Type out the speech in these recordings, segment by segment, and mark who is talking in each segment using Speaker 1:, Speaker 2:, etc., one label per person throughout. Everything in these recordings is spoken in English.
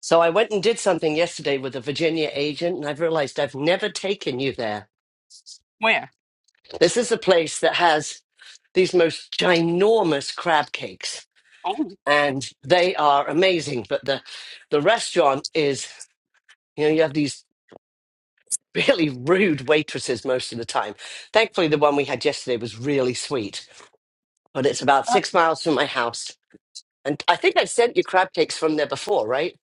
Speaker 1: So I went and did something yesterday with a Virginia agent, and I've realized I've never taken you there.
Speaker 2: Where?
Speaker 1: This is a place that has these most ginormous crab cakes,
Speaker 2: Oh,
Speaker 1: and they are amazing. But the the restaurant is, you know, you have these really rude waitresses most of the time. Thankfully, the one we had yesterday was really sweet. But it's about
Speaker 2: uh,
Speaker 1: six miles from my house, and I think I sent you crab cakes from there before, right?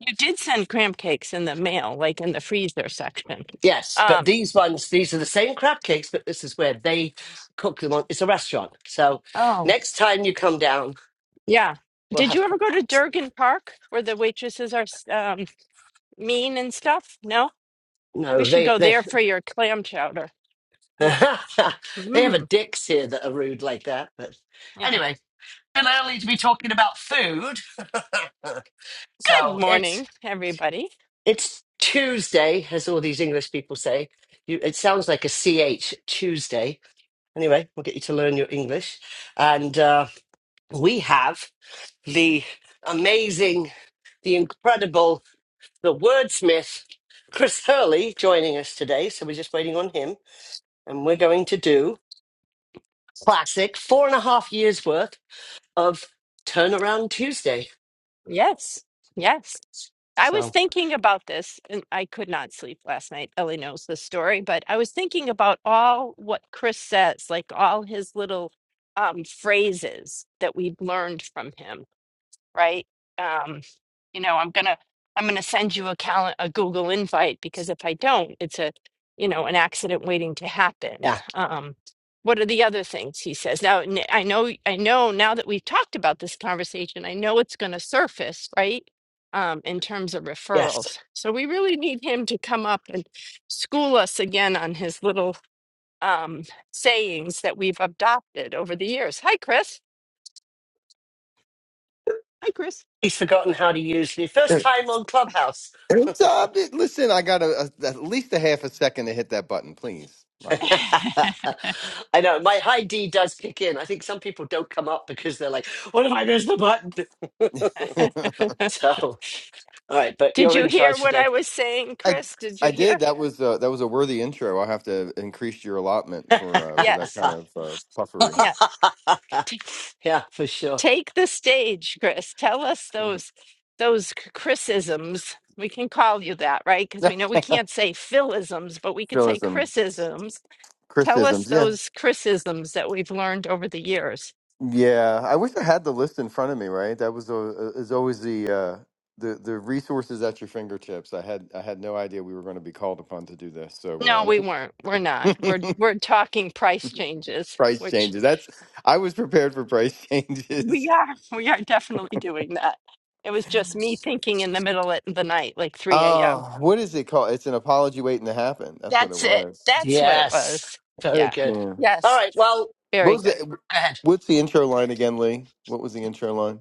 Speaker 2: you did send crab cakes in the mail, like in the freezer section.
Speaker 1: Yes, but
Speaker 2: Um,
Speaker 1: these ones, these are the same crab cakes, but this is where they cook them on. It's a restaurant. So
Speaker 2: oh,
Speaker 1: next time you come down,
Speaker 2: yeah.
Speaker 1: we'll
Speaker 2: Did
Speaker 1: have
Speaker 2: you ever
Speaker 1: crab
Speaker 2: go to
Speaker 1: cakes.
Speaker 2: Durgan Park where the waitresses are um, mean and stuff? No? We
Speaker 1: No,
Speaker 2: should
Speaker 1: they
Speaker 2: go
Speaker 1: they
Speaker 2: there for your clam chowder.
Speaker 1: they
Speaker 2: Yeah.
Speaker 1: have a
Speaker 2: Mm,
Speaker 1: dicks here that are rude like that. But
Speaker 2: yeah.
Speaker 1: anyway, too early to be talking about food.
Speaker 2: Good
Speaker 1: so it's
Speaker 2: morning, everybody.
Speaker 1: it's Tuesday, as all these English people say. You, it sounds like a ch Tuesday. Anyway, we'll get you to learn your English, and uh, we have. the amazing, the incredible, the wordsmith, Chris Hurley, joining us today. So we're just waiting on him. And we're going to do classic four and a half years worth of Turnaround Tuesday.
Speaker 2: Yes. Yes. I was
Speaker 1: So,
Speaker 2: thinking about this, and I could not sleep last night. Ellie knows the story, but I was thinking about all what Chris says, like all his little um, phrases that we'd learned from him right? Um, you know, I'm gonna I'm gonna send you a cal a Google invite because if I don't, it's a you know an accident waiting to happen.
Speaker 1: yeah,
Speaker 2: Um, what are the other things he says? Now n- I know I know now that we've talked about this conversation, I know it's gonna surface, right? Um, in terms of
Speaker 1: yes.
Speaker 2: referrals. So we really need him to come up and school us again on his little um sayings that we've adopted over the years. Hi, Chris. Hi, Chris.
Speaker 1: He's forgotten how to use the first
Speaker 3: Every
Speaker 1: time on Clubhouse.
Speaker 3: time it- listen, I got a, a- at least a half a second to hit that button, please. My goodness.
Speaker 1: I know my high D does kick in. I think some people don't come up because they're like, "What if I miss the button?" so, all right, but
Speaker 2: Did
Speaker 1: you're
Speaker 2: you
Speaker 1: in
Speaker 2: hear
Speaker 1: charge
Speaker 2: what
Speaker 1: today.
Speaker 2: I was saying,
Speaker 3: I
Speaker 2: Chris? Did
Speaker 3: I
Speaker 2: you
Speaker 3: did.
Speaker 2: hear?
Speaker 3: That was uh, that was a worthy intro. I'll have to increase your allotment for uh, for that
Speaker 2: Yes.
Speaker 3: kind of uh, puffery.
Speaker 2: Yes. T-
Speaker 1: yeah, for sure.
Speaker 2: take the stage, Chris. Tell us those those c- Chrisisms. We can call you that, right? Because we know we can't say Philisms, but we could say
Speaker 3: Criticism,
Speaker 2: Chrisisms. Tell us
Speaker 3: criticisms. Yeah,
Speaker 2: those Chrisisms that we've learned over the years.
Speaker 3: yeah. I wish I had the list in front of me. Right, that was uh, uh, is always the uh, the the resources at your fingertips. I had I had no idea we were going to be called upon to do this.
Speaker 2: No,
Speaker 3: So
Speaker 2: we weren't. We're not.
Speaker 3: uh,
Speaker 2: We're we're talking price changes,
Speaker 3: price
Speaker 2: which
Speaker 3: changes. That's I was prepared for price
Speaker 2: we
Speaker 3: changes.
Speaker 2: are. We are definitely doing that. It was just me thinking in the middle of the night, like 3 a.m.
Speaker 3: Oh, what is it called? It's an apology waiting to happen. That's what it
Speaker 2: That's it.
Speaker 3: was.
Speaker 2: That's what it
Speaker 1: Yes.
Speaker 2: was.
Speaker 1: Very
Speaker 2: Yeah.
Speaker 1: good.
Speaker 3: Yeah.
Speaker 1: All
Speaker 2: Yes.
Speaker 1: right. Well, go
Speaker 3: What
Speaker 2: Very
Speaker 3: was
Speaker 2: good.
Speaker 3: the
Speaker 1: ahead.
Speaker 3: what's the intro line again, Lee? What was the intro line?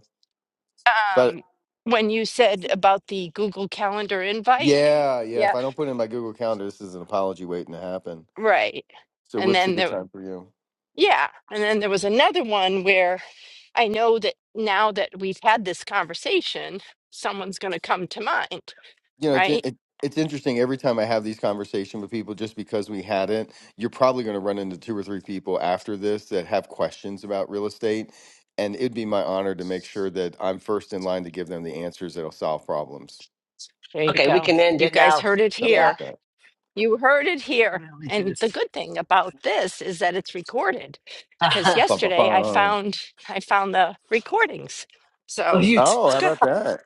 Speaker 3: But
Speaker 2: Um, when you said about the Google Calendar invite,
Speaker 3: yeah, yeah.
Speaker 2: yeah,
Speaker 3: If I don't put it in my Google Calendar, this is an apology waiting to happen.
Speaker 2: right.
Speaker 3: So
Speaker 2: And
Speaker 3: what's a
Speaker 2: then
Speaker 3: good
Speaker 2: there,
Speaker 3: time for you?
Speaker 2: yeah, and then there was another one where I know that now that we've had this conversation, someone's going to come to mind,
Speaker 3: you know it's
Speaker 2: right?
Speaker 3: it, it's interesting every time i have these conversations with people just because we hadn't you're probably going to run into two or three people after this that have questions about real estate and it'd be my honor to make sure that i'm first in line to give them the answers that'll solve problems
Speaker 2: There you
Speaker 1: Okay, we
Speaker 2: go.
Speaker 1: can end
Speaker 2: You
Speaker 1: it
Speaker 2: guys
Speaker 1: now.
Speaker 2: heard it
Speaker 3: something
Speaker 2: here.
Speaker 1: Yeah,
Speaker 3: like that
Speaker 2: You heard it here.
Speaker 1: really
Speaker 2: And
Speaker 1: good.
Speaker 2: the good thing about this is that it's recorded. Because
Speaker 1: oh,
Speaker 3: Ba, ba,
Speaker 2: yesterday I
Speaker 3: ba.
Speaker 2: found I found the recordings. So
Speaker 1: you t-
Speaker 3: oh
Speaker 2: it's
Speaker 3: how
Speaker 2: good.
Speaker 3: about that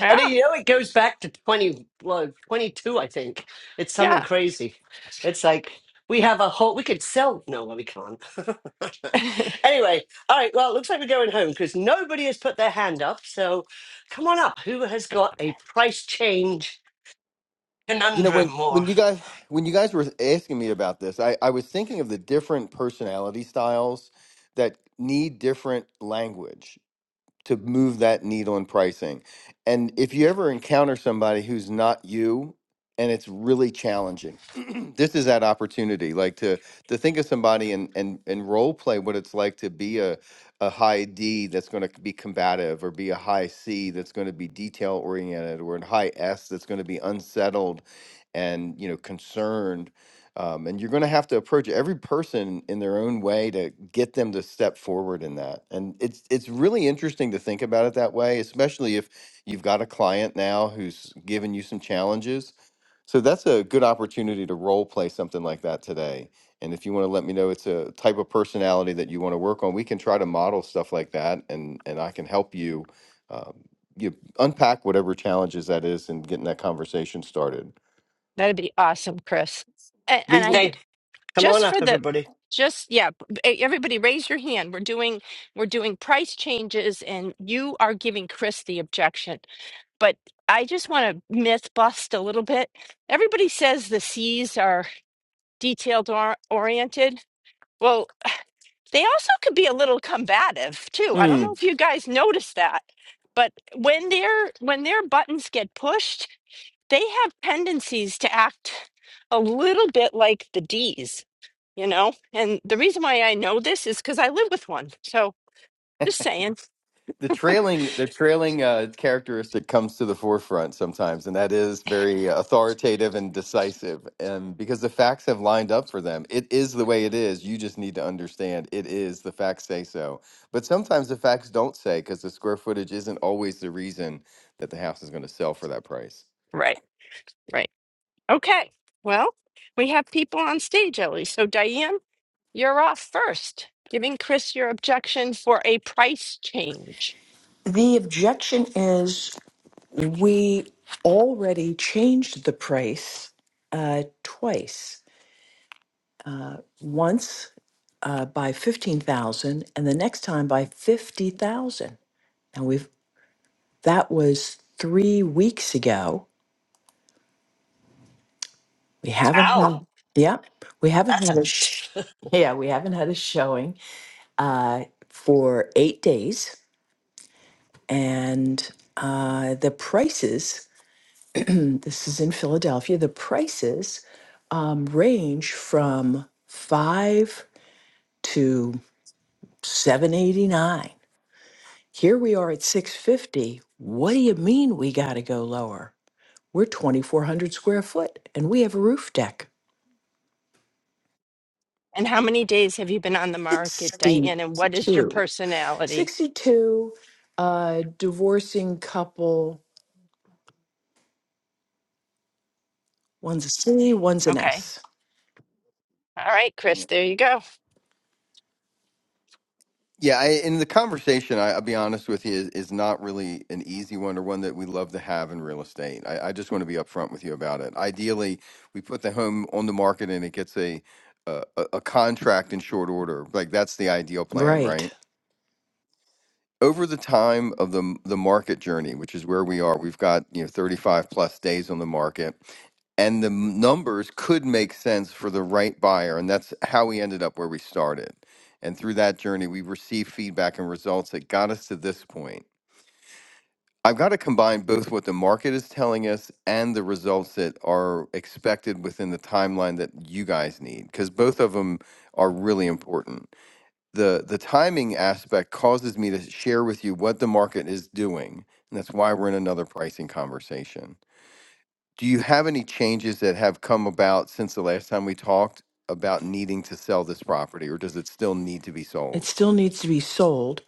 Speaker 2: Yeah.
Speaker 1: and then, you know it goes back to 20, well, 22, I think. It's something
Speaker 2: Yeah.
Speaker 1: crazy. It's like we have a whole, we could sell. No, well, we can't. anyway, all right. Well, it looks like we're going home because nobody has put their hand up. So come on up. Who has got a price change?
Speaker 3: you know
Speaker 1: conundrum
Speaker 3: when
Speaker 1: more.
Speaker 3: when you guys when you guys were asking me about this i i was thinking of the different personality styles that need different language to move that needle in pricing. And if you ever encounter somebody who's not you and it's really challenging, this is that opportunity, like to to think of somebody and and and role play what it's like to be a a high D that's going to be combative or be a high C that's going to be detail oriented or a high S that's going to be unsettled and you know concerned um, and you're going to have to approach every person in their own way to get them to step forward in that and it's it's really interesting to think about it that way especially if you've got a client now who's given you some challenges so that's a good opportunity to role play something like that today and if you want to let me know it's a type of personality that you want to work on we can try to model stuff like that and and i can help you uh, you unpack whatever challenges that is and getting that conversation started
Speaker 2: That'd be awesome, Chris. And, and
Speaker 3: lee
Speaker 2: I
Speaker 3: wh-
Speaker 1: Hey, come on
Speaker 2: just
Speaker 1: up,
Speaker 2: for the
Speaker 1: everybody.
Speaker 2: just yeah, e- everybody raise your hand. We're doing we're doing price changes and you are giving Chris the objection. But I just want to myth bust a little bit. Everybody says the C's are detailed or- oriented. Well, They also could be a little combative too. I don't
Speaker 3: hmm,
Speaker 2: know if you guys noticed that, but when their when their buttons get pushed, they have tendencies to act a little bit like the D's, you know? And the reason why I know this is cuz I live with one. So, just saying.
Speaker 3: the trailing the trailing uh, characteristic comes to the forefront sometimes, and that is very authoritative and decisive. And because the facts have lined up for them, it is the way it is. You just need to understand it is the facts say so. But sometimes the facts don't say because the square footage isn't always the reason that the house is going to sell for that price.
Speaker 2: Right. Right. Okay. Well, we have people on stage, Ellie. So, Diane, you're off first, giving Chris your objection for a price change.
Speaker 4: The objection is we already changed the price uh, twice. Once uh, by fifteen thousand, and the next time by fifty thousand. And we've that was three weeks ago. We haven't had.
Speaker 1: Ow,
Speaker 4: Wow. Yeah, we haven't
Speaker 1: that's
Speaker 4: had
Speaker 1: a
Speaker 4: a. Sh- yeah, we haven't had a showing uh, for eight days, and uh, the prices this is in Philadelphia. The prices um, range from five to seven eighty nine. Here we are at six fifty. What do you mean we got to go lower? We're twenty four hundred square foot, and we have a roof deck.
Speaker 2: And how many days have you been on the market,
Speaker 4: Sixty
Speaker 2: Diane? And what is your
Speaker 4: two.
Speaker 2: personality?
Speaker 4: Sixty two. Uh, divorcing couple. One's a C. One's an
Speaker 2: Okay.
Speaker 4: S.
Speaker 2: All right, Chris, there you go.
Speaker 3: Yeah, I, and the conversation, I, I'll be honest with you, is, is not really an easy one or one that we love to have in real estate. I, I just want to be upfront with you about it. Ideally, we put the home on the market and it gets a, a a a contract in short order. Like that's the ideal plan,
Speaker 4: Right.
Speaker 3: right? over the time of the the market journey, which is where we are, we've got you know 35 plus days on the market, and the m- numbers could make sense for the right buyer, and that's how we ended up where we started. And through that journey, we received feedback and results that got us to this point. I've got to combine both what the market is telling us and the results that are expected within the timeline that you guys need, because both of them are really important the the timing aspect causes me to share with you what the market is doing and that's why we're in another pricing conversation do you have any changes that have come about since the last time we talked about needing to sell this property or does it still need to be
Speaker 4: It
Speaker 3: sold
Speaker 4: still needs to be sold.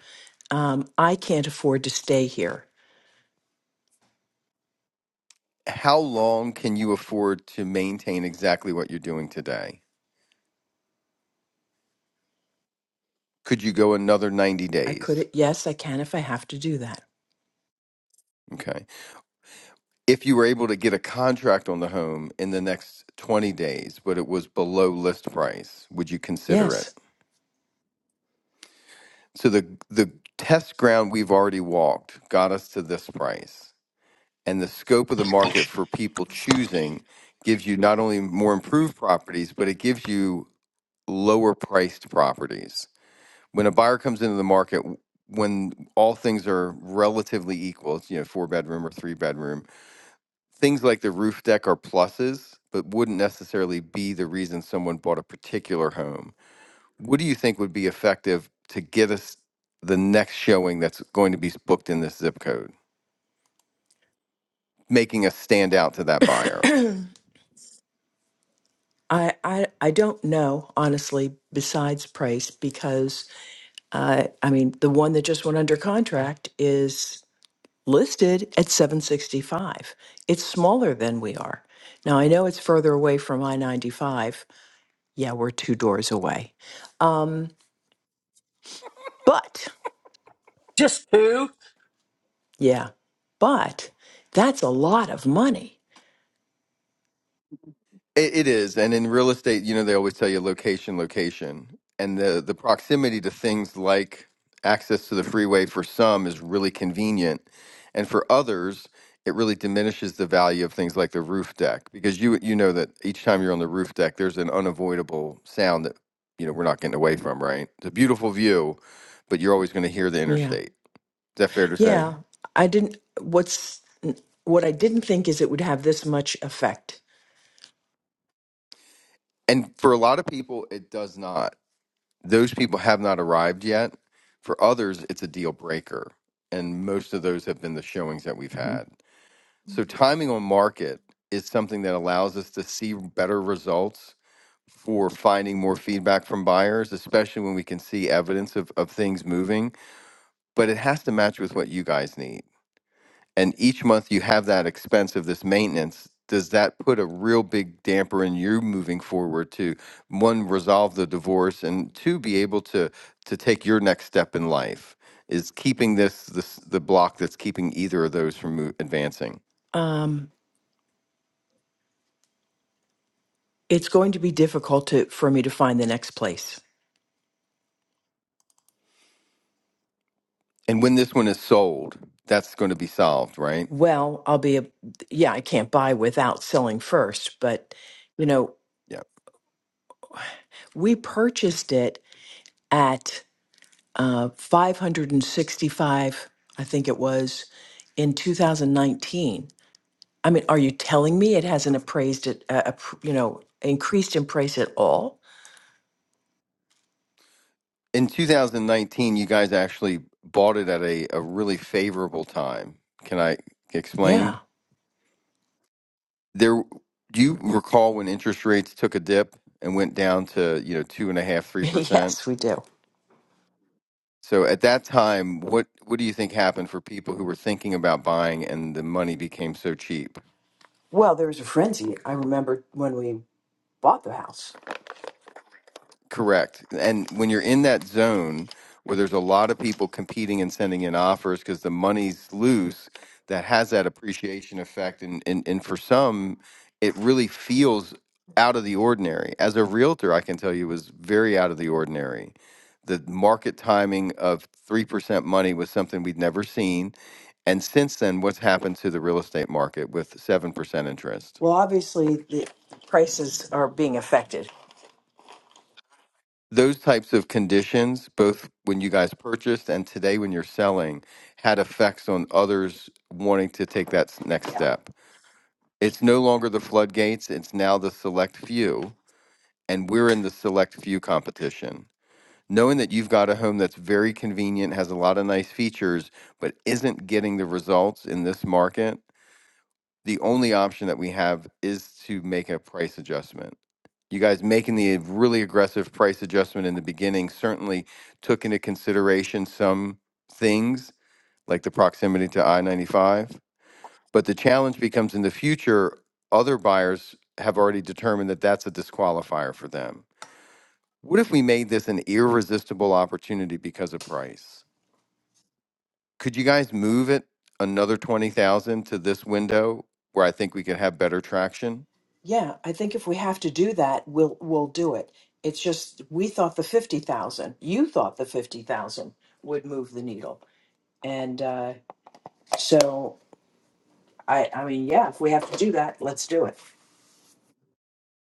Speaker 4: Um, I can't afford to stay here.
Speaker 3: how long can you afford to maintain exactly what you're doing today could you go another 90
Speaker 4: I
Speaker 3: days
Speaker 4: could, yes, I can if I have to do that.
Speaker 3: okay if you were able to get a contract on the home in the next 20 days but it was below list price would you consider it
Speaker 4: Yes.
Speaker 3: So the the test ground we've already walked got us to this price, and the scope of the market for people choosing gives you not only more improved properties, but it gives you lower priced properties. When a buyer comes into the market, w- when all things are relatively equal, it's you know four bedroom or three bedroom, things like the roof deck are pluses, but wouldn't necessarily be the reason someone bought a particular home what do you think would be effective to get us the next showing that's going to be booked in this zip code, making us stand out to that buyer?
Speaker 4: I, I, I don't know, honestly, besides price, because uh, I mean, the one that just went under contract is listed at 765. It's smaller than we are. Now, I know it's further away from I 95. Yeah, we're two doors away. Um, but,
Speaker 1: Just who?
Speaker 4: yeah, but that's a lot of money.
Speaker 3: It, it is, and in real estate, you know, they always tell you location, location, and the the proximity to things like access to the freeway for some is really convenient, and for others, it really diminishes the value of things like the roof deck because you you know that each time you're on the roof deck, there's an unavoidable sound that you know we're not getting away from, right? It's a beautiful view, but you're always going to hear the
Speaker 4: Yeah.
Speaker 3: interstate. Is that fair to say?
Speaker 4: Yeah, I didn't. What's what I didn't think is it would have this much effect.
Speaker 3: And for a lot of people, it does not. those people have not arrived yet. For others, it's a deal breaker. And most of those have been the showings that we've
Speaker 4: hmm
Speaker 3: had. So, timing on market is something that allows us to see better results for finding more feedback from buyers, especially when we can see evidence of, of things moving. But it has to match with what you guys need and each month you have that expense of this maintenance does that put a real big damper in you moving forward to one resolve the divorce and two be able to to take your next step in life is keeping this this the block that's keeping either of those from mo- advancing
Speaker 4: Um, it's going to be difficult to, for me to find the next place.
Speaker 3: and when this one is sold that's going to be solved right
Speaker 4: Well, I'll be a, yeah, I can't buy without selling first, but you know,
Speaker 3: yeah
Speaker 4: we purchased it at uh, 565, I think it was, in 2019. I mean, are you telling me it hasn't appraised it, uh, appr- you know, increased in price at all?
Speaker 3: in 2019 you guys actually bought it at a, a really favorable time can i explain
Speaker 4: Yeah.
Speaker 3: there do you recall when interest rates took a dip and went down to you know two and a half three percent
Speaker 4: yes, we do.
Speaker 3: so at that time what what do you think happened for people who were thinking about buying and the money became so cheap
Speaker 4: Well, there was a frenzy. I remember when we bought the house.
Speaker 3: Correct. And when you're in that zone where there's a lot of people competing and sending in offers because the money's loose, that has that appreciation effect. And, and, and for some, it really feels out of the ordinary. As a realtor, I can tell you, it was very out of the ordinary. The market timing of 3% money was something we'd never seen. And since then, what's happened to the real estate market with 7% interest?
Speaker 4: Well, obviously, the prices are being affected.
Speaker 3: those types of conditions, both when you guys purchased and today when you're selling, had effects on others wanting to take that s- next
Speaker 4: Yeah.
Speaker 3: step. It's no longer the floodgates, it's now the select few, and we're in the select few competition. Knowing that you've got a home that's very convenient, has a lot of nice features, but isn't getting the results in this market the only option that we have is to make a price adjustment. You guys making the really aggressive price adjustment in the beginning certainly took into consideration some things like the proximity to I 95. But the challenge becomes in the future, other buyers have already determined that that's a disqualifier for them. What if we made this an irresistible opportunity because of price? Could you guys move it another 20,000 to this window where I think we could have better traction?
Speaker 4: Yeah, I think if we have to do that, we'll we'll do it. It's just we thought the 50,000. You thought the 50,000 would move the needle. And uh, so I I mean, yeah, if we have to do that, let's do it.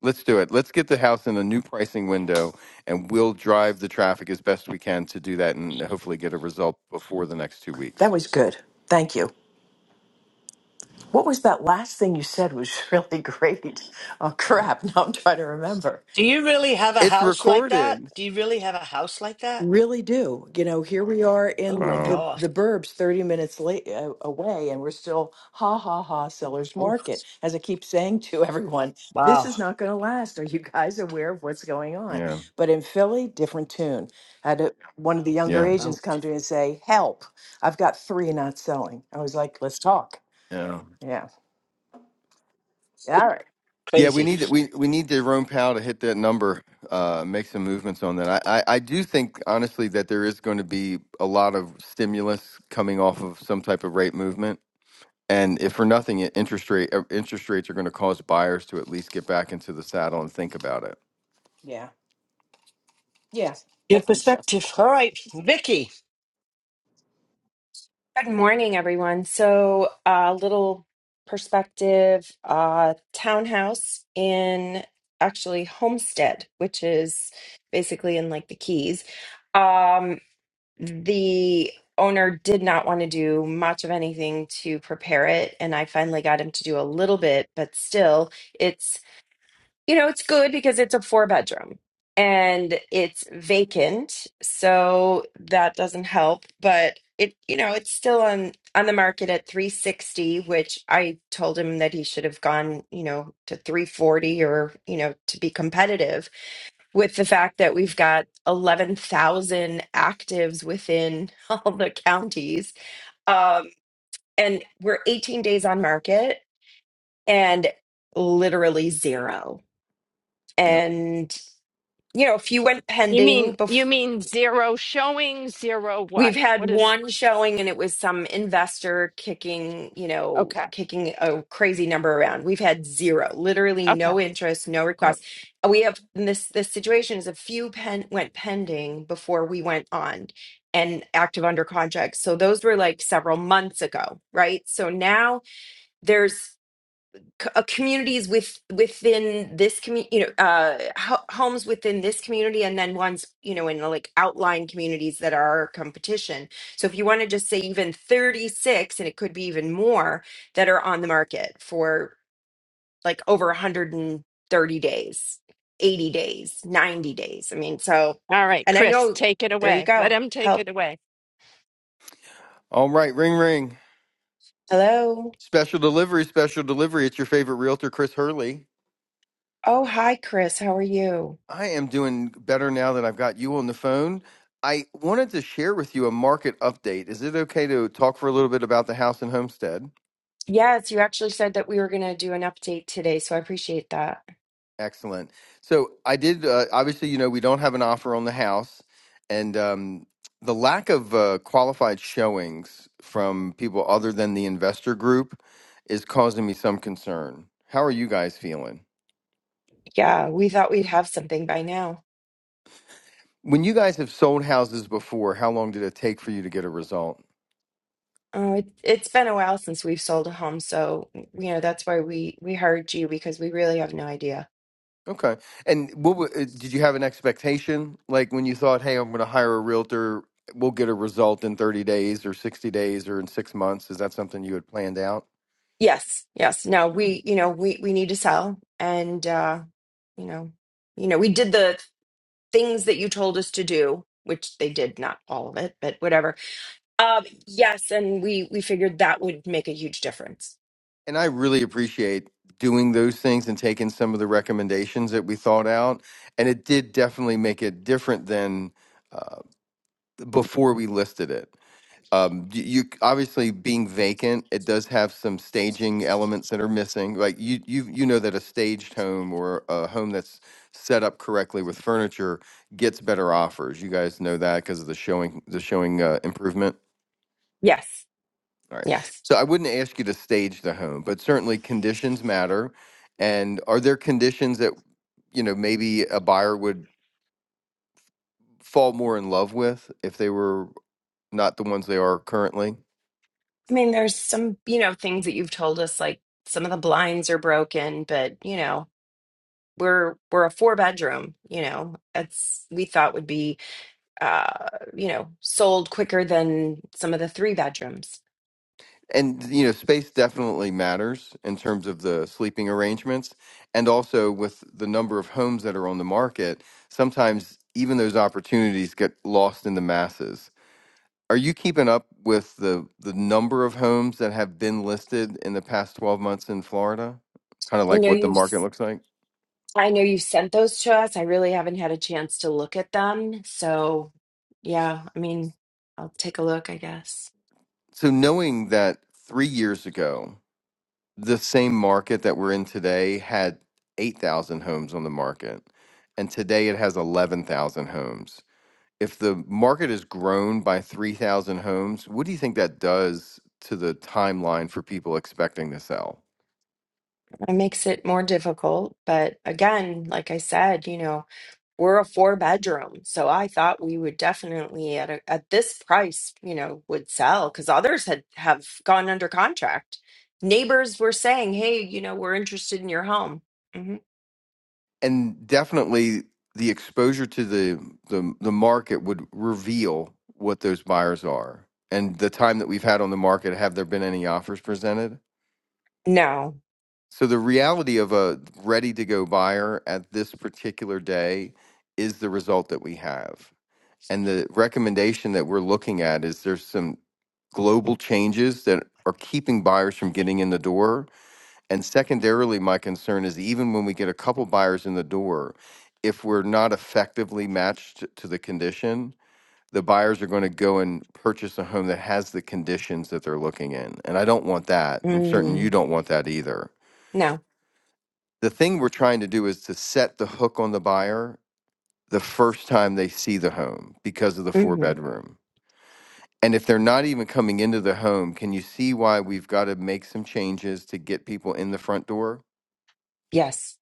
Speaker 3: Let's do it. Let's get the house in a new pricing window and we'll drive the traffic as best we can to do that and hopefully get a result before the next two
Speaker 4: That
Speaker 3: weeks.
Speaker 4: was good. Thank you. What was that last thing you said was really great. Oh crap, now I'm trying to remember.
Speaker 1: Do you really have a
Speaker 3: It's
Speaker 1: house like that?
Speaker 3: recorded.
Speaker 1: Do you really have a house like that?
Speaker 4: Really do. You know, here we are
Speaker 1: Oh
Speaker 4: in
Speaker 1: my
Speaker 4: the
Speaker 3: Wow.
Speaker 1: gosh.
Speaker 4: the burbs 30 minutes late uh, away and we're still ha ha ha seller's
Speaker 1: Oh,
Speaker 4: market. As I keep saying to everyone, this
Speaker 1: wow.
Speaker 4: is not going to last. Are you guys aware of what's going on?
Speaker 3: Yeah.
Speaker 4: But in Philly, different tune. had a, one of the younger
Speaker 3: Yeah.
Speaker 1: Oh,
Speaker 4: agents come to me and say, "Help. I've got 3 not selling." I was like, "Let's talk."
Speaker 3: Yeah.
Speaker 4: Yeah. All right.
Speaker 3: Yeah, we
Speaker 1: crazy.
Speaker 3: need we we need Jerome Powell to hit that number, uh, make some movements on that. I, I, I do think honestly that there is going to be a lot of stimulus coming off of some type of rate movement, and if for nothing, it- interest rate uh, interest rates are going to cause buyers to at least get back into the saddle and think about it.
Speaker 4: Yeah. Yeah. I
Speaker 1: Good
Speaker 4: think so.
Speaker 1: perspective. All right, Vicky.
Speaker 5: Good morning, everyone. So, a little perspective uh, townhouse in actually Homestead, which is basically in like the Keys. Um, the owner did not want to do much of anything to prepare it, and I finally got him to do a little bit, but still, you know, it's good because it's a four bedroom and it's vacant, so that doesn't help, but it you know, it's still on on the market at 360, which I told him that he should have gone, you know, to 340 or, you know, to be competitive with the fact that we've got 11,000 actives within all the counties. Um and we're 18 days on market and literally zero.
Speaker 3: Yep.
Speaker 5: and you know, a few went
Speaker 2: You mean
Speaker 5: pending.
Speaker 2: you
Speaker 5: Bef-
Speaker 2: mean zero showing, zero what?
Speaker 5: we've had
Speaker 2: What is
Speaker 5: one showing, and it was some investor kicking, you know,
Speaker 2: okay.
Speaker 5: kicking a crazy number around. We've had zero, literally
Speaker 2: Okay.
Speaker 5: no interest, no requests. We have in this this situation is a few pen went pending before we went on and active under contract. So those were like several months ago, right? So now there's c- uh, communities with within this community, you know, uh, ho- homes within this community, and then ones, you know, in the, like outlying communities that are our competition. So if you want to just say even 36, and it could be even more that are on the market for like over 130 days, 80 days, 90 days. I mean, so,
Speaker 2: All right,
Speaker 5: and I
Speaker 2: Chris,
Speaker 5: know
Speaker 2: take it
Speaker 5: there you
Speaker 2: away. Let
Speaker 5: go.
Speaker 2: him take
Speaker 5: Help.
Speaker 2: it away.
Speaker 3: All right, ring ring.
Speaker 5: Hello.
Speaker 3: Special delivery, special delivery. It's your favorite realtor, Chris Hurley.
Speaker 5: Oh, hi, Chris. How are you?
Speaker 3: I am doing better now that I've got you on the phone. I wanted to share with you a market update. Is it okay to talk for a little bit about the house and homestead?
Speaker 5: Yes, you actually said that we were going to do an update today, so I appreciate that.
Speaker 3: Excellent. So I did. Uh, obviously, you know we don't have an offer on the house, and um, the lack of uh, qualified showings from people other than the investor group is causing me some concern. How are you guys feeling?
Speaker 5: Yeah, we thought we'd have something by now.
Speaker 3: When you guys have sold houses before, how long did it take for you to get a result?
Speaker 5: Oh, it, it's been a while since we've sold a home, so you know that's why we we hired you because we really have no idea.
Speaker 3: Okay. And what wa- uh, did you have an expectation? Like when you thought, "Hey, I'm going to hire a realtor, we'll get a result in 30 days or 60 days or in 6 months." Is that something you had planned out?
Speaker 5: Yes, yes. No, we you know we we need to sell, and uh, you know, you know, we did the things that you told us to do, which they did, not all of it, but whatever. Um, yes, and we we figured that would make a huge difference.
Speaker 3: And I really appreciate doing those things and taking some of the recommendations that we thought out, and it did definitely make it different than uh, before we listed it. um you, you obviously being vacant it does have some staging elements that are missing like you you you know that a staged home or a home that's set up correctly with furniture gets better offers you guys know that because of the showing the showing uh, improvement
Speaker 5: Yes,
Speaker 3: all right
Speaker 5: yes.
Speaker 3: so i wouldn't ask you to stage the home but certainly conditions matter and are there conditions that you know maybe a buyer would fall more in love with if they were not the ones they are currently
Speaker 5: I mean, there's some you know things that you've told us like some of the blinds are broken, but you know. we're we're a four bedroom you know it's we thought would be uh you know sold quicker than some of the three bedrooms
Speaker 3: and you know space definitely matters in terms of the sleeping arrangements and also with the number of homes that are on the market sometimes even those opportunities get lost in the masses are you keeping up with the the number of homes that have been listed in the past 12 months in Florida kind of
Speaker 5: i
Speaker 3: like
Speaker 5: know
Speaker 3: what the
Speaker 5: you've
Speaker 3: market looks like
Speaker 5: i know you've sent those to us i really haven't had a chance to look at them so yeah i mean i'll take a look i guess
Speaker 3: so knowing that 3 years ago the same market that we're in today had 8000 homes on the market and today it has 11,000 homes if the market has grown by 3,000 homes, what do you think that does to the timeline for people expecting to sell?
Speaker 5: it makes it more difficult but again like i said you know We're a four bedroom, so I thought we would definitely at a, at this price, you know, would sell because others had have gone under contract. Neighbors were saying, "Hey, you know, we're interested in your home." hmm
Speaker 3: And definitely the exposure to the, the, the market would reveal what those buyers are. And the time that we've had on the market, have there been any offers presented?
Speaker 5: No,
Speaker 3: So the reality of a ready to go buyer at this particular day is the result that we have. And the recommendation that we're looking at is there's some global changes that are keeping buyers from getting in the door. And secondarily, my concern is even when we get a couple buyers in the door, if we're not effectively matched to the condition, the buyers are going to go and purchase a home that has the conditions that they're looking in. And I don't want that. I'm certain you
Speaker 5: mm,
Speaker 3: don't want that either.
Speaker 5: no,
Speaker 3: The thing we're trying to do is to set the hook on the buyer the first time they see the home because of the four
Speaker 5: hmm
Speaker 3: bedroom And if they're not even coming into the home, can you see why we've got to make some changes to get people in the front door?
Speaker 5: yes.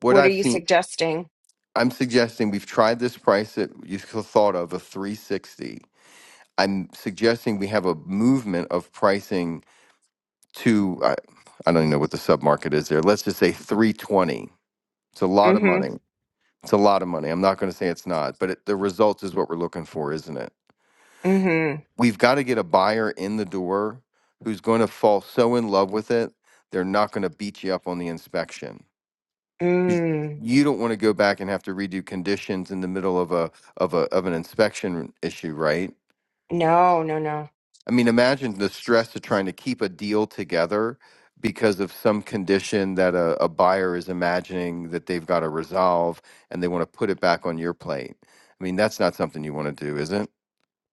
Speaker 3: What
Speaker 5: What are
Speaker 3: I've
Speaker 5: you
Speaker 3: seen,
Speaker 5: suggesting?
Speaker 3: I'm suggesting we've tried this price that you thought of, a 360. I'm suggesting we have a movement of pricing to, I, I don't even know what the submarket is there. Let's just say 320. It's a lot of
Speaker 5: hmm
Speaker 3: money. It's a lot of money. I'm not going to say it's not, but it, the result is what we're looking for, isn't it?
Speaker 5: hmm
Speaker 3: we've got to get a buyer in the door who's going to fall so in love with it they're not going to beat you up on the inspection 'Cause
Speaker 5: mm.
Speaker 3: you don't want to go back and have to redo conditions in the middle of a of a of an inspection issue right
Speaker 5: No, no, no,
Speaker 3: i mean imagine the stress of trying to keep a deal together because of some condition that a, a buyer is imagining that they've got to resolve and they want to put it back on your plate i mean that's not something you want to do is it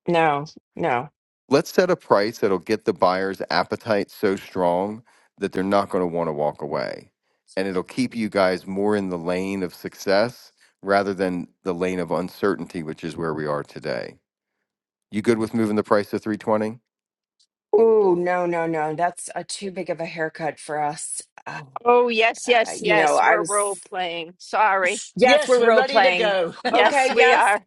Speaker 5: no, no.
Speaker 3: Let's set a price that'll get the buyer's appetite so strong that they're not going to want to walk away. And it'll keep you guys more in the lane of success rather than the lane of uncertainty, which is where we are today. You good with moving the price to 320?
Speaker 5: Ooh, no, no, no. That's a too big of a haircut for us. Uh,
Speaker 2: Oh yes,
Speaker 5: uh,
Speaker 2: yes,
Speaker 5: you know,
Speaker 2: yes.
Speaker 5: I
Speaker 2: We're
Speaker 5: was.
Speaker 2: role playing. Sorry.
Speaker 5: Yes,
Speaker 1: Yes,
Speaker 5: we're
Speaker 1: we're
Speaker 5: role
Speaker 1: ready to
Speaker 5: playing.
Speaker 1: go.
Speaker 2: Yes,
Speaker 5: Okay,
Speaker 2: we
Speaker 5: yes.
Speaker 2: are.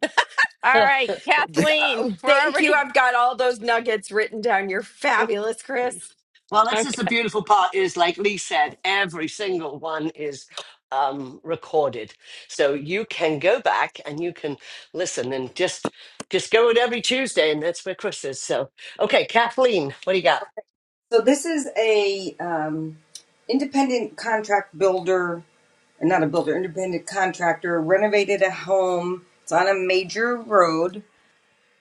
Speaker 2: All right, Kathleen,
Speaker 5: Oh,
Speaker 2: we're
Speaker 5: thank you.
Speaker 2: already
Speaker 5: I've got all those nuggets written down. You're fabulous, Chris.
Speaker 1: Well, that's just
Speaker 2: Okay.
Speaker 1: the beautiful part is, like Lee said, every single one is um, recorded, so you can go back and you can listen and just just go it every Tuesday, and that's where Chris is. So, okay, Kathleen, what do you got?
Speaker 6: So this is a um, independent contract builder, not a builder, independent contractor renovated a home. It's on a major road,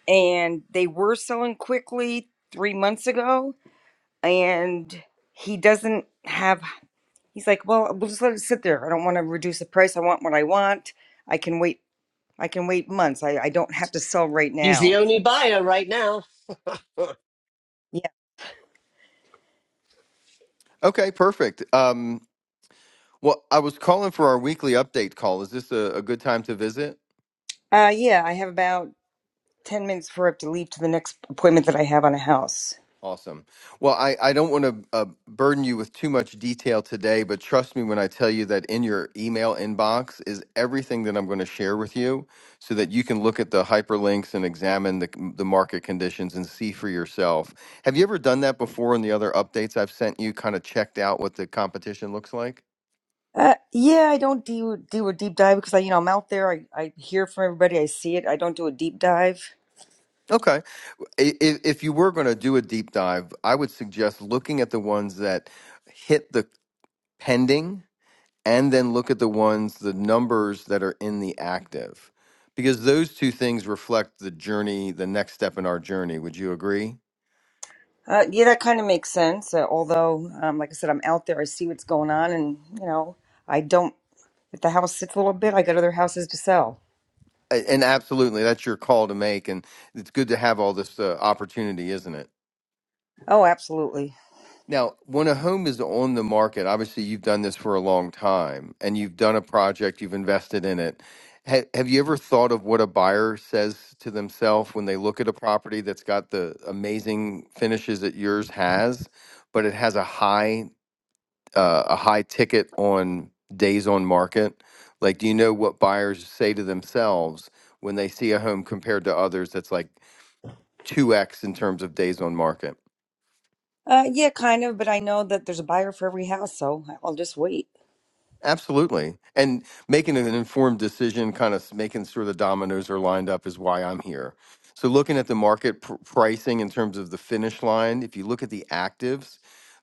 Speaker 6: and they were selling quickly three months ago. And he doesn't have. He's like, well, we'll just let it sit there. I don't want to reduce the price. I want what I want. I can wait. I can wait months. I, I don't have to sell right
Speaker 1: He's the
Speaker 6: now.
Speaker 1: only buyer right now.
Speaker 6: Yeah.
Speaker 3: okay, perfect. Um, well, I was calling for our weekly update call. Is this a, a good time to visit?
Speaker 6: Uh, yeah. I have about ten minutes before I have to leave to the next appointment that I have on a house.
Speaker 3: Awesome. Well, I, I don't want to uh, burden you with too much detail today, but trust me when I tell you that in your email inbox is everything that I'm going to share with you so that you can look at the hyperlinks and examine the, the market conditions and see for yourself. Have you ever done that before in the other updates I've sent you, kind of checked out what the competition looks like?
Speaker 6: Uh, yeah, I don't do do a deep dive because I, you know, I'm out there. I, I hear from everybody. I see it. I don't do a deep dive.
Speaker 3: Okay. I- i- If you were going to do a deep dive, I would suggest looking at the ones that hit the pending and then look at the ones the numbers that are in the active because those two things reflect the journey the next step in our journey would you agree
Speaker 6: Uh, yeah, that kind of makes sense. Uh, although, um, like I said, I'm out there. I see what's going on, and you know, I don't. If the house sits a little bit, I got other houses to sell.
Speaker 3: A- and absolutely that's your call to make and it's good to have all this uh, opportunity isn't it
Speaker 6: Oh, absolutely.
Speaker 3: Now, when a home is on the market, obviously you've done this for a long time and you've done a project, you've invested in it. Ha- Have you ever thought of what a buyer says to themselves when they look at a property that's got the amazing finishes that yours has, but it has a high uh, a high ticket on days on market? Like, do you know what buyers say to themselves when they see a home compared to others that's like 2x in terms of days on market?
Speaker 6: Uh, yeah, kind of. But I know that there's a buyer for every house, so I'll just wait.
Speaker 3: Absolutely. And making an informed decision, kind of making sure the dominoes are lined up, is why I'm here. So, looking at the market pr- pricing in terms of the finish line, if you look at the actives,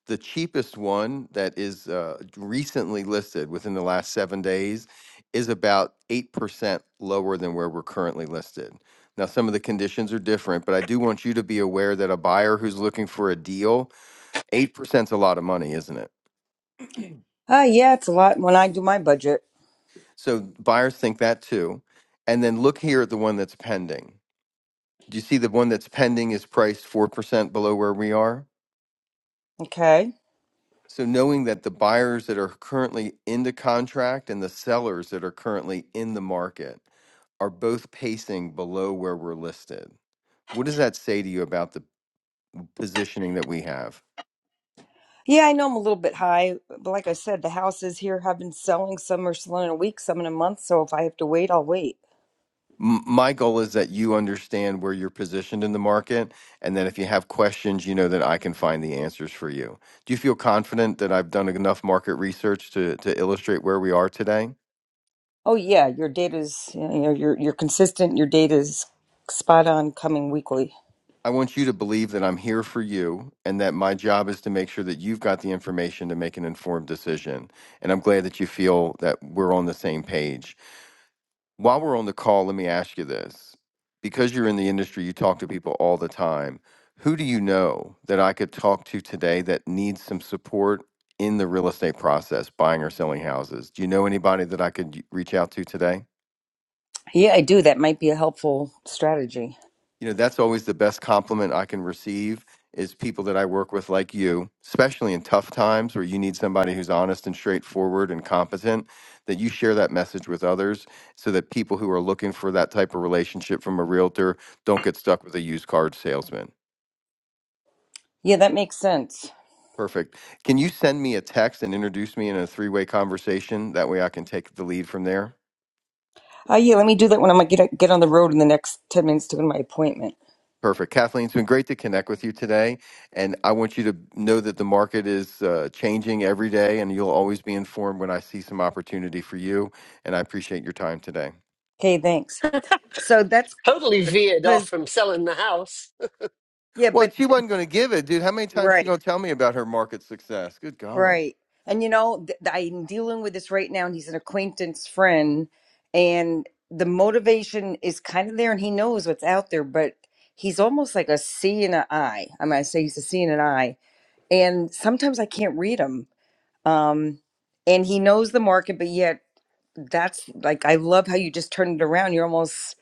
Speaker 3: the cheapest one that is uh, recently listed within the last seven days is about 8% lower than where we're currently listed. Now, some of the conditions are different, but I do want you to be aware that a buyer who's looking for a deal, 8% is a lot of money, isn't it?
Speaker 6: Uh, yeah, it's a lot when I do my budget.
Speaker 3: So buyers think that too. And then look here at the one that's pending. Do you see the one that's pending is priced 4% below where we are?
Speaker 6: Okay.
Speaker 3: So knowing that the buyers that are currently in the contract and the sellers that are currently in the market are both pacing below where we're listed. What does that say to you about the positioning that we have?
Speaker 6: Yeah, I know I'm a little bit high, but like I said, the houses here have been selling. Some are selling in a week, some in a month. So if I have to wait, I'll wait.
Speaker 3: M- My goal is that you understand where you're positioned in the market, and then if you have questions, you know that I can find the answers for you. Do you feel confident that I've done enough market research to, to illustrate where we are today?
Speaker 6: Oh yeah, your data's you know you're you're consistent. Your data's spot on, coming weekly.
Speaker 3: I want you to believe that I'm here for you and that my job is to make sure that you've got the information to make an informed decision. And I'm glad that you feel that we're on the same page. While we're on the call, let me ask you this. Because you're in the industry, you talk to people all the time. Who do you know that I could talk to today that needs some support in the real estate process, buying or selling houses? Do you know anybody that I could y- reach out to today?
Speaker 6: Yeah, I do. That might be a helpful strategy.
Speaker 3: you know that's always the best compliment i can receive is people that i work with like you especially in tough times where you need somebody who's honest and straightforward and competent that you share that message with others so that people who are looking for that type of relationship from a realtor don't get stuck with a used car salesman
Speaker 6: Yeah, that makes sense.
Speaker 3: perfect can you send me a text and introduce me in a three-way conversation that way i can take the lead from there
Speaker 6: Uh, yeah, let me do that when I'm gonna get get on the road in the next ten minutes to go to my appointment.
Speaker 3: Perfect. Kathleen, it's been great to connect with you today. And I want you to know that the market is uh, changing every day, and you'll always be informed when I see some opportunity for you. And I appreciate your time today.
Speaker 6: Okay, thanks. So that's
Speaker 1: totally veered off
Speaker 6: because
Speaker 1: from selling the house.
Speaker 6: yeah,
Speaker 3: Well,
Speaker 6: but
Speaker 3: she wasn't going to give it, dude. How many times she
Speaker 6: right.
Speaker 3: going to tell me about her market success? Good golly.
Speaker 6: Right. And you know, th- th- I'm dealing with this right now, and he's an acquaintance friend, and the motivation is kind of there, and he knows what's out there, but he's almost like a C and an I. I mean, I say he's a C and an I, and sometimes I can't read him. Um, and he knows the market, but yet that's like, I love how you just turn it around. You're almost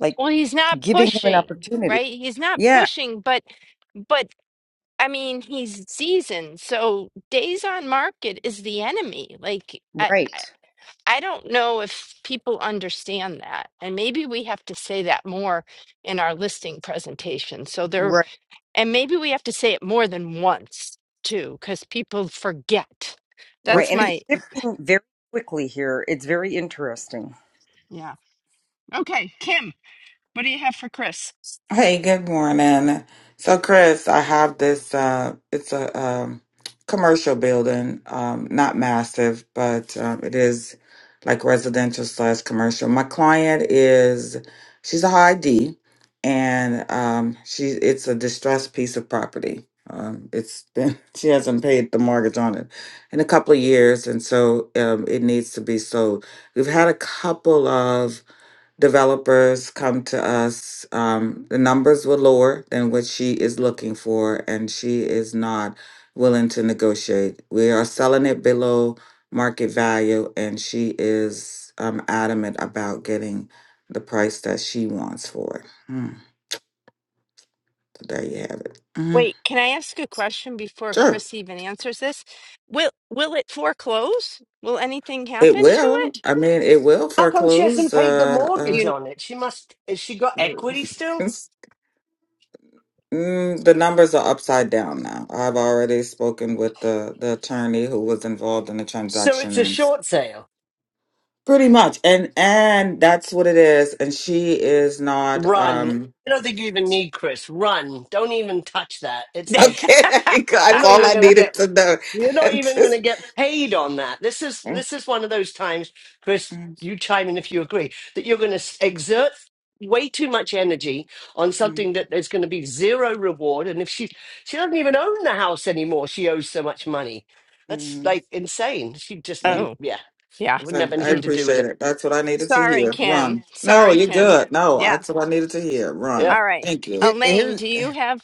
Speaker 6: like
Speaker 2: Well, he's not
Speaker 6: giving him an
Speaker 2: pushing,
Speaker 6: opportunity.
Speaker 2: right? He's not
Speaker 6: Yeah.
Speaker 2: pushing, but but I mean, he's seasoned. So days on market is the enemy. Like I I,
Speaker 6: Right.
Speaker 2: I don't know if people understand that. And maybe we have to say that more in our listing presentation. So there
Speaker 6: Right.
Speaker 2: and maybe we have to say it more than once too, because people forget.
Speaker 6: Right.
Speaker 2: That's
Speaker 3: What's
Speaker 6: And
Speaker 3: the
Speaker 2: my
Speaker 6: it's shifting very quickly here. It's very interesting.
Speaker 2: yeah. Okay, Kim, what do you have for Chris?
Speaker 7: Hey, good morning. So, Chris, I have this. Uh, it's a um, commercial building, um, not massive, but um, it is like residential slash commercial. My client is she's a high D, and um, she it's a distressed piece of property. Um, it's been she hasn't paid the mortgage on it in a couple of years, and so um, it needs to be sold. We've had a couple of developers come to us. Um, the numbers were lower than what she is looking for, and she is not willing to negotiate. We are selling it below market value, and she is um, adamant about getting the price that she wants for it. Hmm. So there you have it. hmm
Speaker 2: Wait, can I ask a question before
Speaker 7: Sure,
Speaker 2: Chris even answers this? Will will it foreclose? Will anything
Speaker 7: it
Speaker 2: happen to
Speaker 7: will.
Speaker 2: it?
Speaker 7: I mean, it will
Speaker 1: How come she
Speaker 7: foreclose.
Speaker 1: hasn't paid the
Speaker 2: Do
Speaker 7: Uh,
Speaker 1: mortgage
Speaker 2: you
Speaker 1: on it? She must. Has she got equity still?
Speaker 7: uh, Mm, the numbers are upside down now. I've already spoken with the, the attorney who was involved in the
Speaker 1: So it's
Speaker 7: transaction
Speaker 1: a
Speaker 7: and
Speaker 1: short sale.
Speaker 7: pretty much and and that's what it is. And she is not
Speaker 1: Run.
Speaker 7: um
Speaker 1: I don't think you even need Chris. Run. Don't even touch that. It's like
Speaker 7: okay, there you go.
Speaker 1: you're
Speaker 7: that's
Speaker 1: not
Speaker 7: all
Speaker 1: even
Speaker 7: I
Speaker 1: gonna
Speaker 7: needed
Speaker 1: get
Speaker 7: to know.
Speaker 1: you're
Speaker 7: I
Speaker 1: not even
Speaker 7: Just
Speaker 1: gonna get paid on that. This is
Speaker 7: Mm,
Speaker 1: this is one of those times, Chris,
Speaker 7: mm,
Speaker 1: you chime in if you agree, that you're gonna s- exert way too much energy on
Speaker 7: mm,
Speaker 1: something that there's going to be zero reward and if she she doesn't even own the house anymore she owes so much money that's
Speaker 7: mm.
Speaker 1: like insane she just
Speaker 7: yeah.
Speaker 1: you
Speaker 2: Oh,
Speaker 1: yeah
Speaker 2: yeah.
Speaker 1: wouldn't
Speaker 7: So
Speaker 1: have
Speaker 7: I
Speaker 1: anything
Speaker 2: Mm.
Speaker 1: to do with
Speaker 7: appreciate
Speaker 1: it
Speaker 7: it. That's what I needed to
Speaker 2: Sorry,
Speaker 7: hear.
Speaker 2: Kim.
Speaker 7: Run. No,
Speaker 2: Sorry,
Speaker 7: you're
Speaker 2: Kim.
Speaker 7: good. No,
Speaker 2: Yeah.
Speaker 7: that's what I needed to hear.
Speaker 1: Yeah.
Speaker 7: Run.
Speaker 2: All right.
Speaker 7: Thank you.
Speaker 3: here,
Speaker 2: Elaine,
Speaker 3: here
Speaker 2: do you have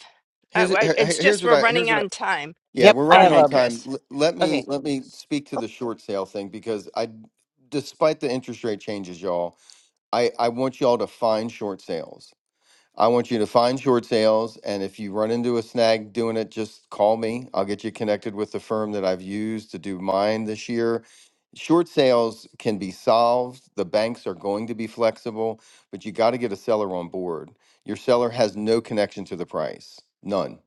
Speaker 2: uh,
Speaker 3: here's
Speaker 2: wait, it's
Speaker 3: here's
Speaker 2: just
Speaker 3: what
Speaker 2: we're
Speaker 3: I here's
Speaker 2: running
Speaker 3: what I
Speaker 2: on time.
Speaker 3: yeah
Speaker 8: Yep,
Speaker 3: we're
Speaker 2: Go
Speaker 8: I
Speaker 3: running
Speaker 8: have
Speaker 3: on
Speaker 2: ahead,
Speaker 8: a
Speaker 3: time.
Speaker 2: Chris.
Speaker 3: L- let
Speaker 8: okay.
Speaker 3: me let me speak to the short sale thing because I, despite the interest rate changes, y'all, I I want y'all to find short sales. I want you to find short sales. And if you run into a snag doing it, just call me. I'll get you connected with the firm that I've used to do mine this year. Short sales can be solved. The banks are going to be flexible, but you got to get a seller on board. Your seller has no connection to the price, none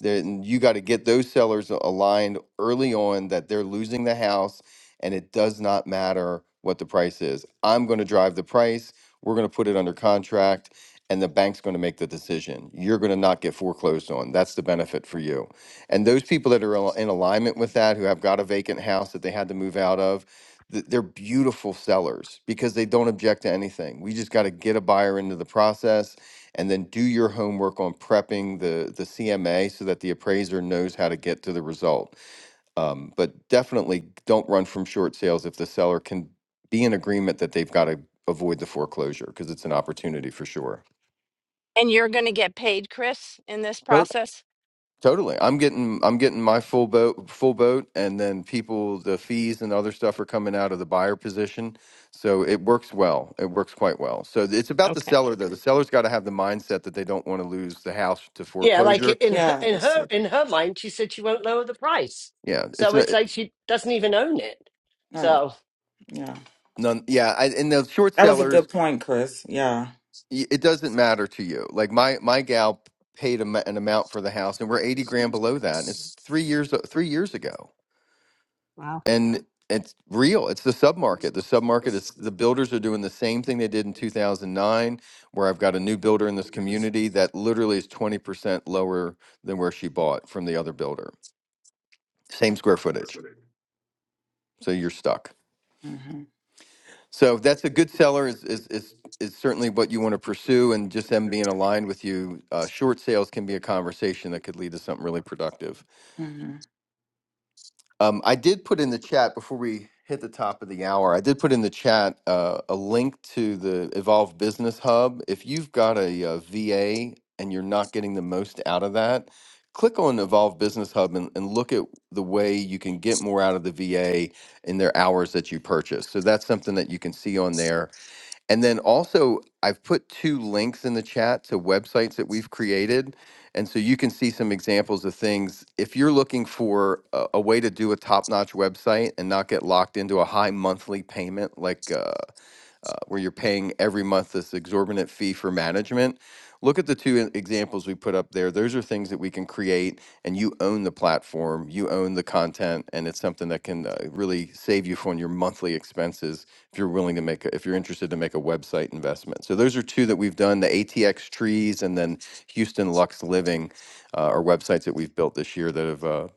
Speaker 3: then you got to get those sellers aligned early on that they're losing the house and it does not matter what the price is. I'm going to drive the price. We're going to put it under contract and the bank's going to make the decision. You're going to not get foreclosed on. That's the benefit for you. And those people that are al- in alignment with that, who have got a vacant house that they had to move out of, th- they're beautiful sellers because they don't object to anything. We just got to get a buyer into the process and then do your homework on prepping the the CMA so that the appraiser knows how to get to the result. Um, but definitely don't run from short sales if the seller can be in agreement that they've got to avoid the foreclosure because it's an opportunity for sure.
Speaker 2: And you're going to get paid, Chris, in this
Speaker 3: Tot-
Speaker 2: process?
Speaker 3: Totally, I'm getting I'm getting my full boat full boat, and then people the fees and other stuff are coming out of the buyer position, so it works well. It works quite well. So it's about the
Speaker 2: Okay.
Speaker 3: seller though. The seller's got to have the mindset that they don't want to lose the house to
Speaker 1: Yeah, like
Speaker 3: foreclosure
Speaker 1: in her,
Speaker 7: Yeah,
Speaker 1: in
Speaker 7: it's
Speaker 1: her in her mind, she said she won't lower the price.
Speaker 3: Yeah, it's
Speaker 1: So
Speaker 3: not,
Speaker 1: it's like she doesn't even own it.
Speaker 7: right.
Speaker 1: So
Speaker 7: Yeah.
Speaker 3: none. Yeah, I, and the short
Speaker 7: That was a
Speaker 3: sellers,
Speaker 7: good point, Chris. Yeah.
Speaker 3: y- it doesn't matter to you. Like my my gal paid a, ma- an amount for the house, and we're eighty grand below that, and it's three years three years ago,
Speaker 2: Wow.
Speaker 3: and it's real. It's the submarket. The submarket is the builders are doing the same thing they did in two thousand nine, where I've got a new builder in this community that literally is twenty percent lower than where she bought from the other builder, same square footage. So you're stuck.
Speaker 7: Mhm.
Speaker 3: So that's a good seller is is is, is certainly what you want to pursue, and just them being aligned with you. Uh, short sales can be a conversation that could lead to something really productive.
Speaker 7: Mhm.
Speaker 3: Um, I did put in the chat before we hit the top of the hour. I did put in the chat uh, a link to the Evolve Business Hub. If you've got a, uh VA and you're not getting the most out of that, click on Evolve Business Hub and, and look at the way you can get more out of the VA in their hours that you purchase. So that's something that you can see on there and then also, I've put two links in the chat to websites that we've created. And so you can see some examples of things. If you're looking for a, a way to do a top notch website and not get locked into a high monthly payment, like uh, uh, where you're paying every month this exorbitant fee for management. Look at the two e- examples we put up there. Those are things that we can create, and you own the platform, you own the content, and it's something that can uh, really save you from your monthly expenses if you're willing to make, a, if you're interested to make a website investment. So those are two that we've done: the ATX Trees and then Houston Lux Living uh, are websites that we've built this year that have uh,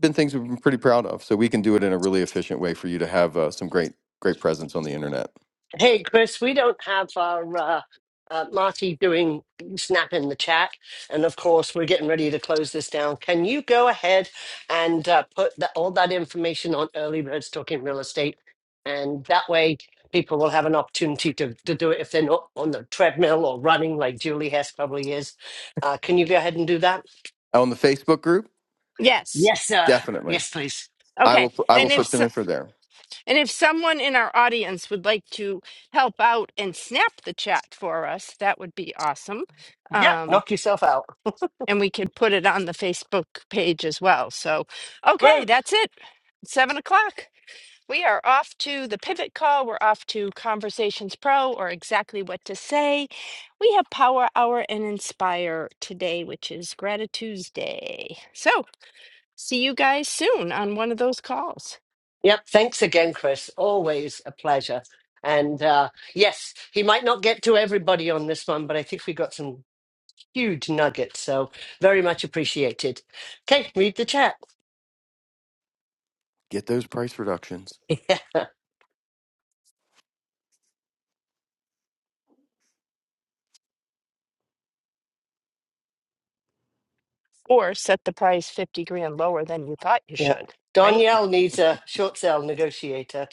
Speaker 3: been things we've been pretty proud of. So we can do it in a really efficient way for you to have uh, some great, great presence on the internet.
Speaker 1: hey, Chris, we don't have our uh, uh, Marty doing snap in the chat, and of course we're getting ready to close this down. Can you go ahead and uh, put that all that information on early birds talking real estate, and that way people will have an opportunity to, to do it if they're not on the treadmill or running like Julie Hess probably is. Uh, can you go ahead and do that?
Speaker 3: On the Facebook group,
Speaker 2: Yes.
Speaker 1: Yes, sir.
Speaker 3: definitely.
Speaker 1: Yes, please.
Speaker 3: I
Speaker 2: Okay.
Speaker 3: will. pu- I will
Speaker 2: And if
Speaker 1: Wonderful.
Speaker 3: put some
Speaker 2: so,
Speaker 3: in for there.
Speaker 2: And if someone in our audience would like to help out and snap the chat for us, that would be awesome.
Speaker 1: Yep.
Speaker 2: Um,
Speaker 1: Knock yourself out.
Speaker 2: and we could put it on the Facebook page as well. So, okay,
Speaker 1: Rude.
Speaker 2: that's it. Seven o'clock. We are off to the pivot call. We're off to Conversations Pro or exactly what to say. We have Power Hour and Inspire today, which is Gratitude's Day. So, see you guys soon on one of those calls.
Speaker 1: Yep. Thanks again, Chris. Always a pleasure. And uh, yes, he might not get to everybody on this one, but I think we got some huge nuggets. So very much appreciated. Okay, read the chat.
Speaker 3: Get those price reductions.
Speaker 1: yeah.
Speaker 2: or set the price 50 grand lower than you thought you
Speaker 1: Yeah.
Speaker 2: should, right?
Speaker 1: Danielle needs a short sale negotiator.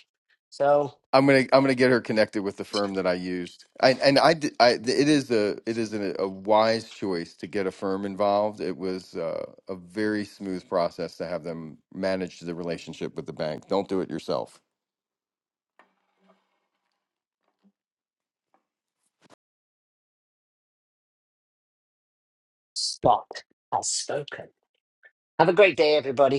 Speaker 1: So
Speaker 3: I'm gonna. I'm gonna get her connected with the firm that I used. I, and I. did- I. It is a. It is a, a wise choice to get a firm involved. It was uh, a very smooth process to have them manage the relationship with the bank. Don't do it yourself.
Speaker 1: Scott has spoken. Have a great day, everybody.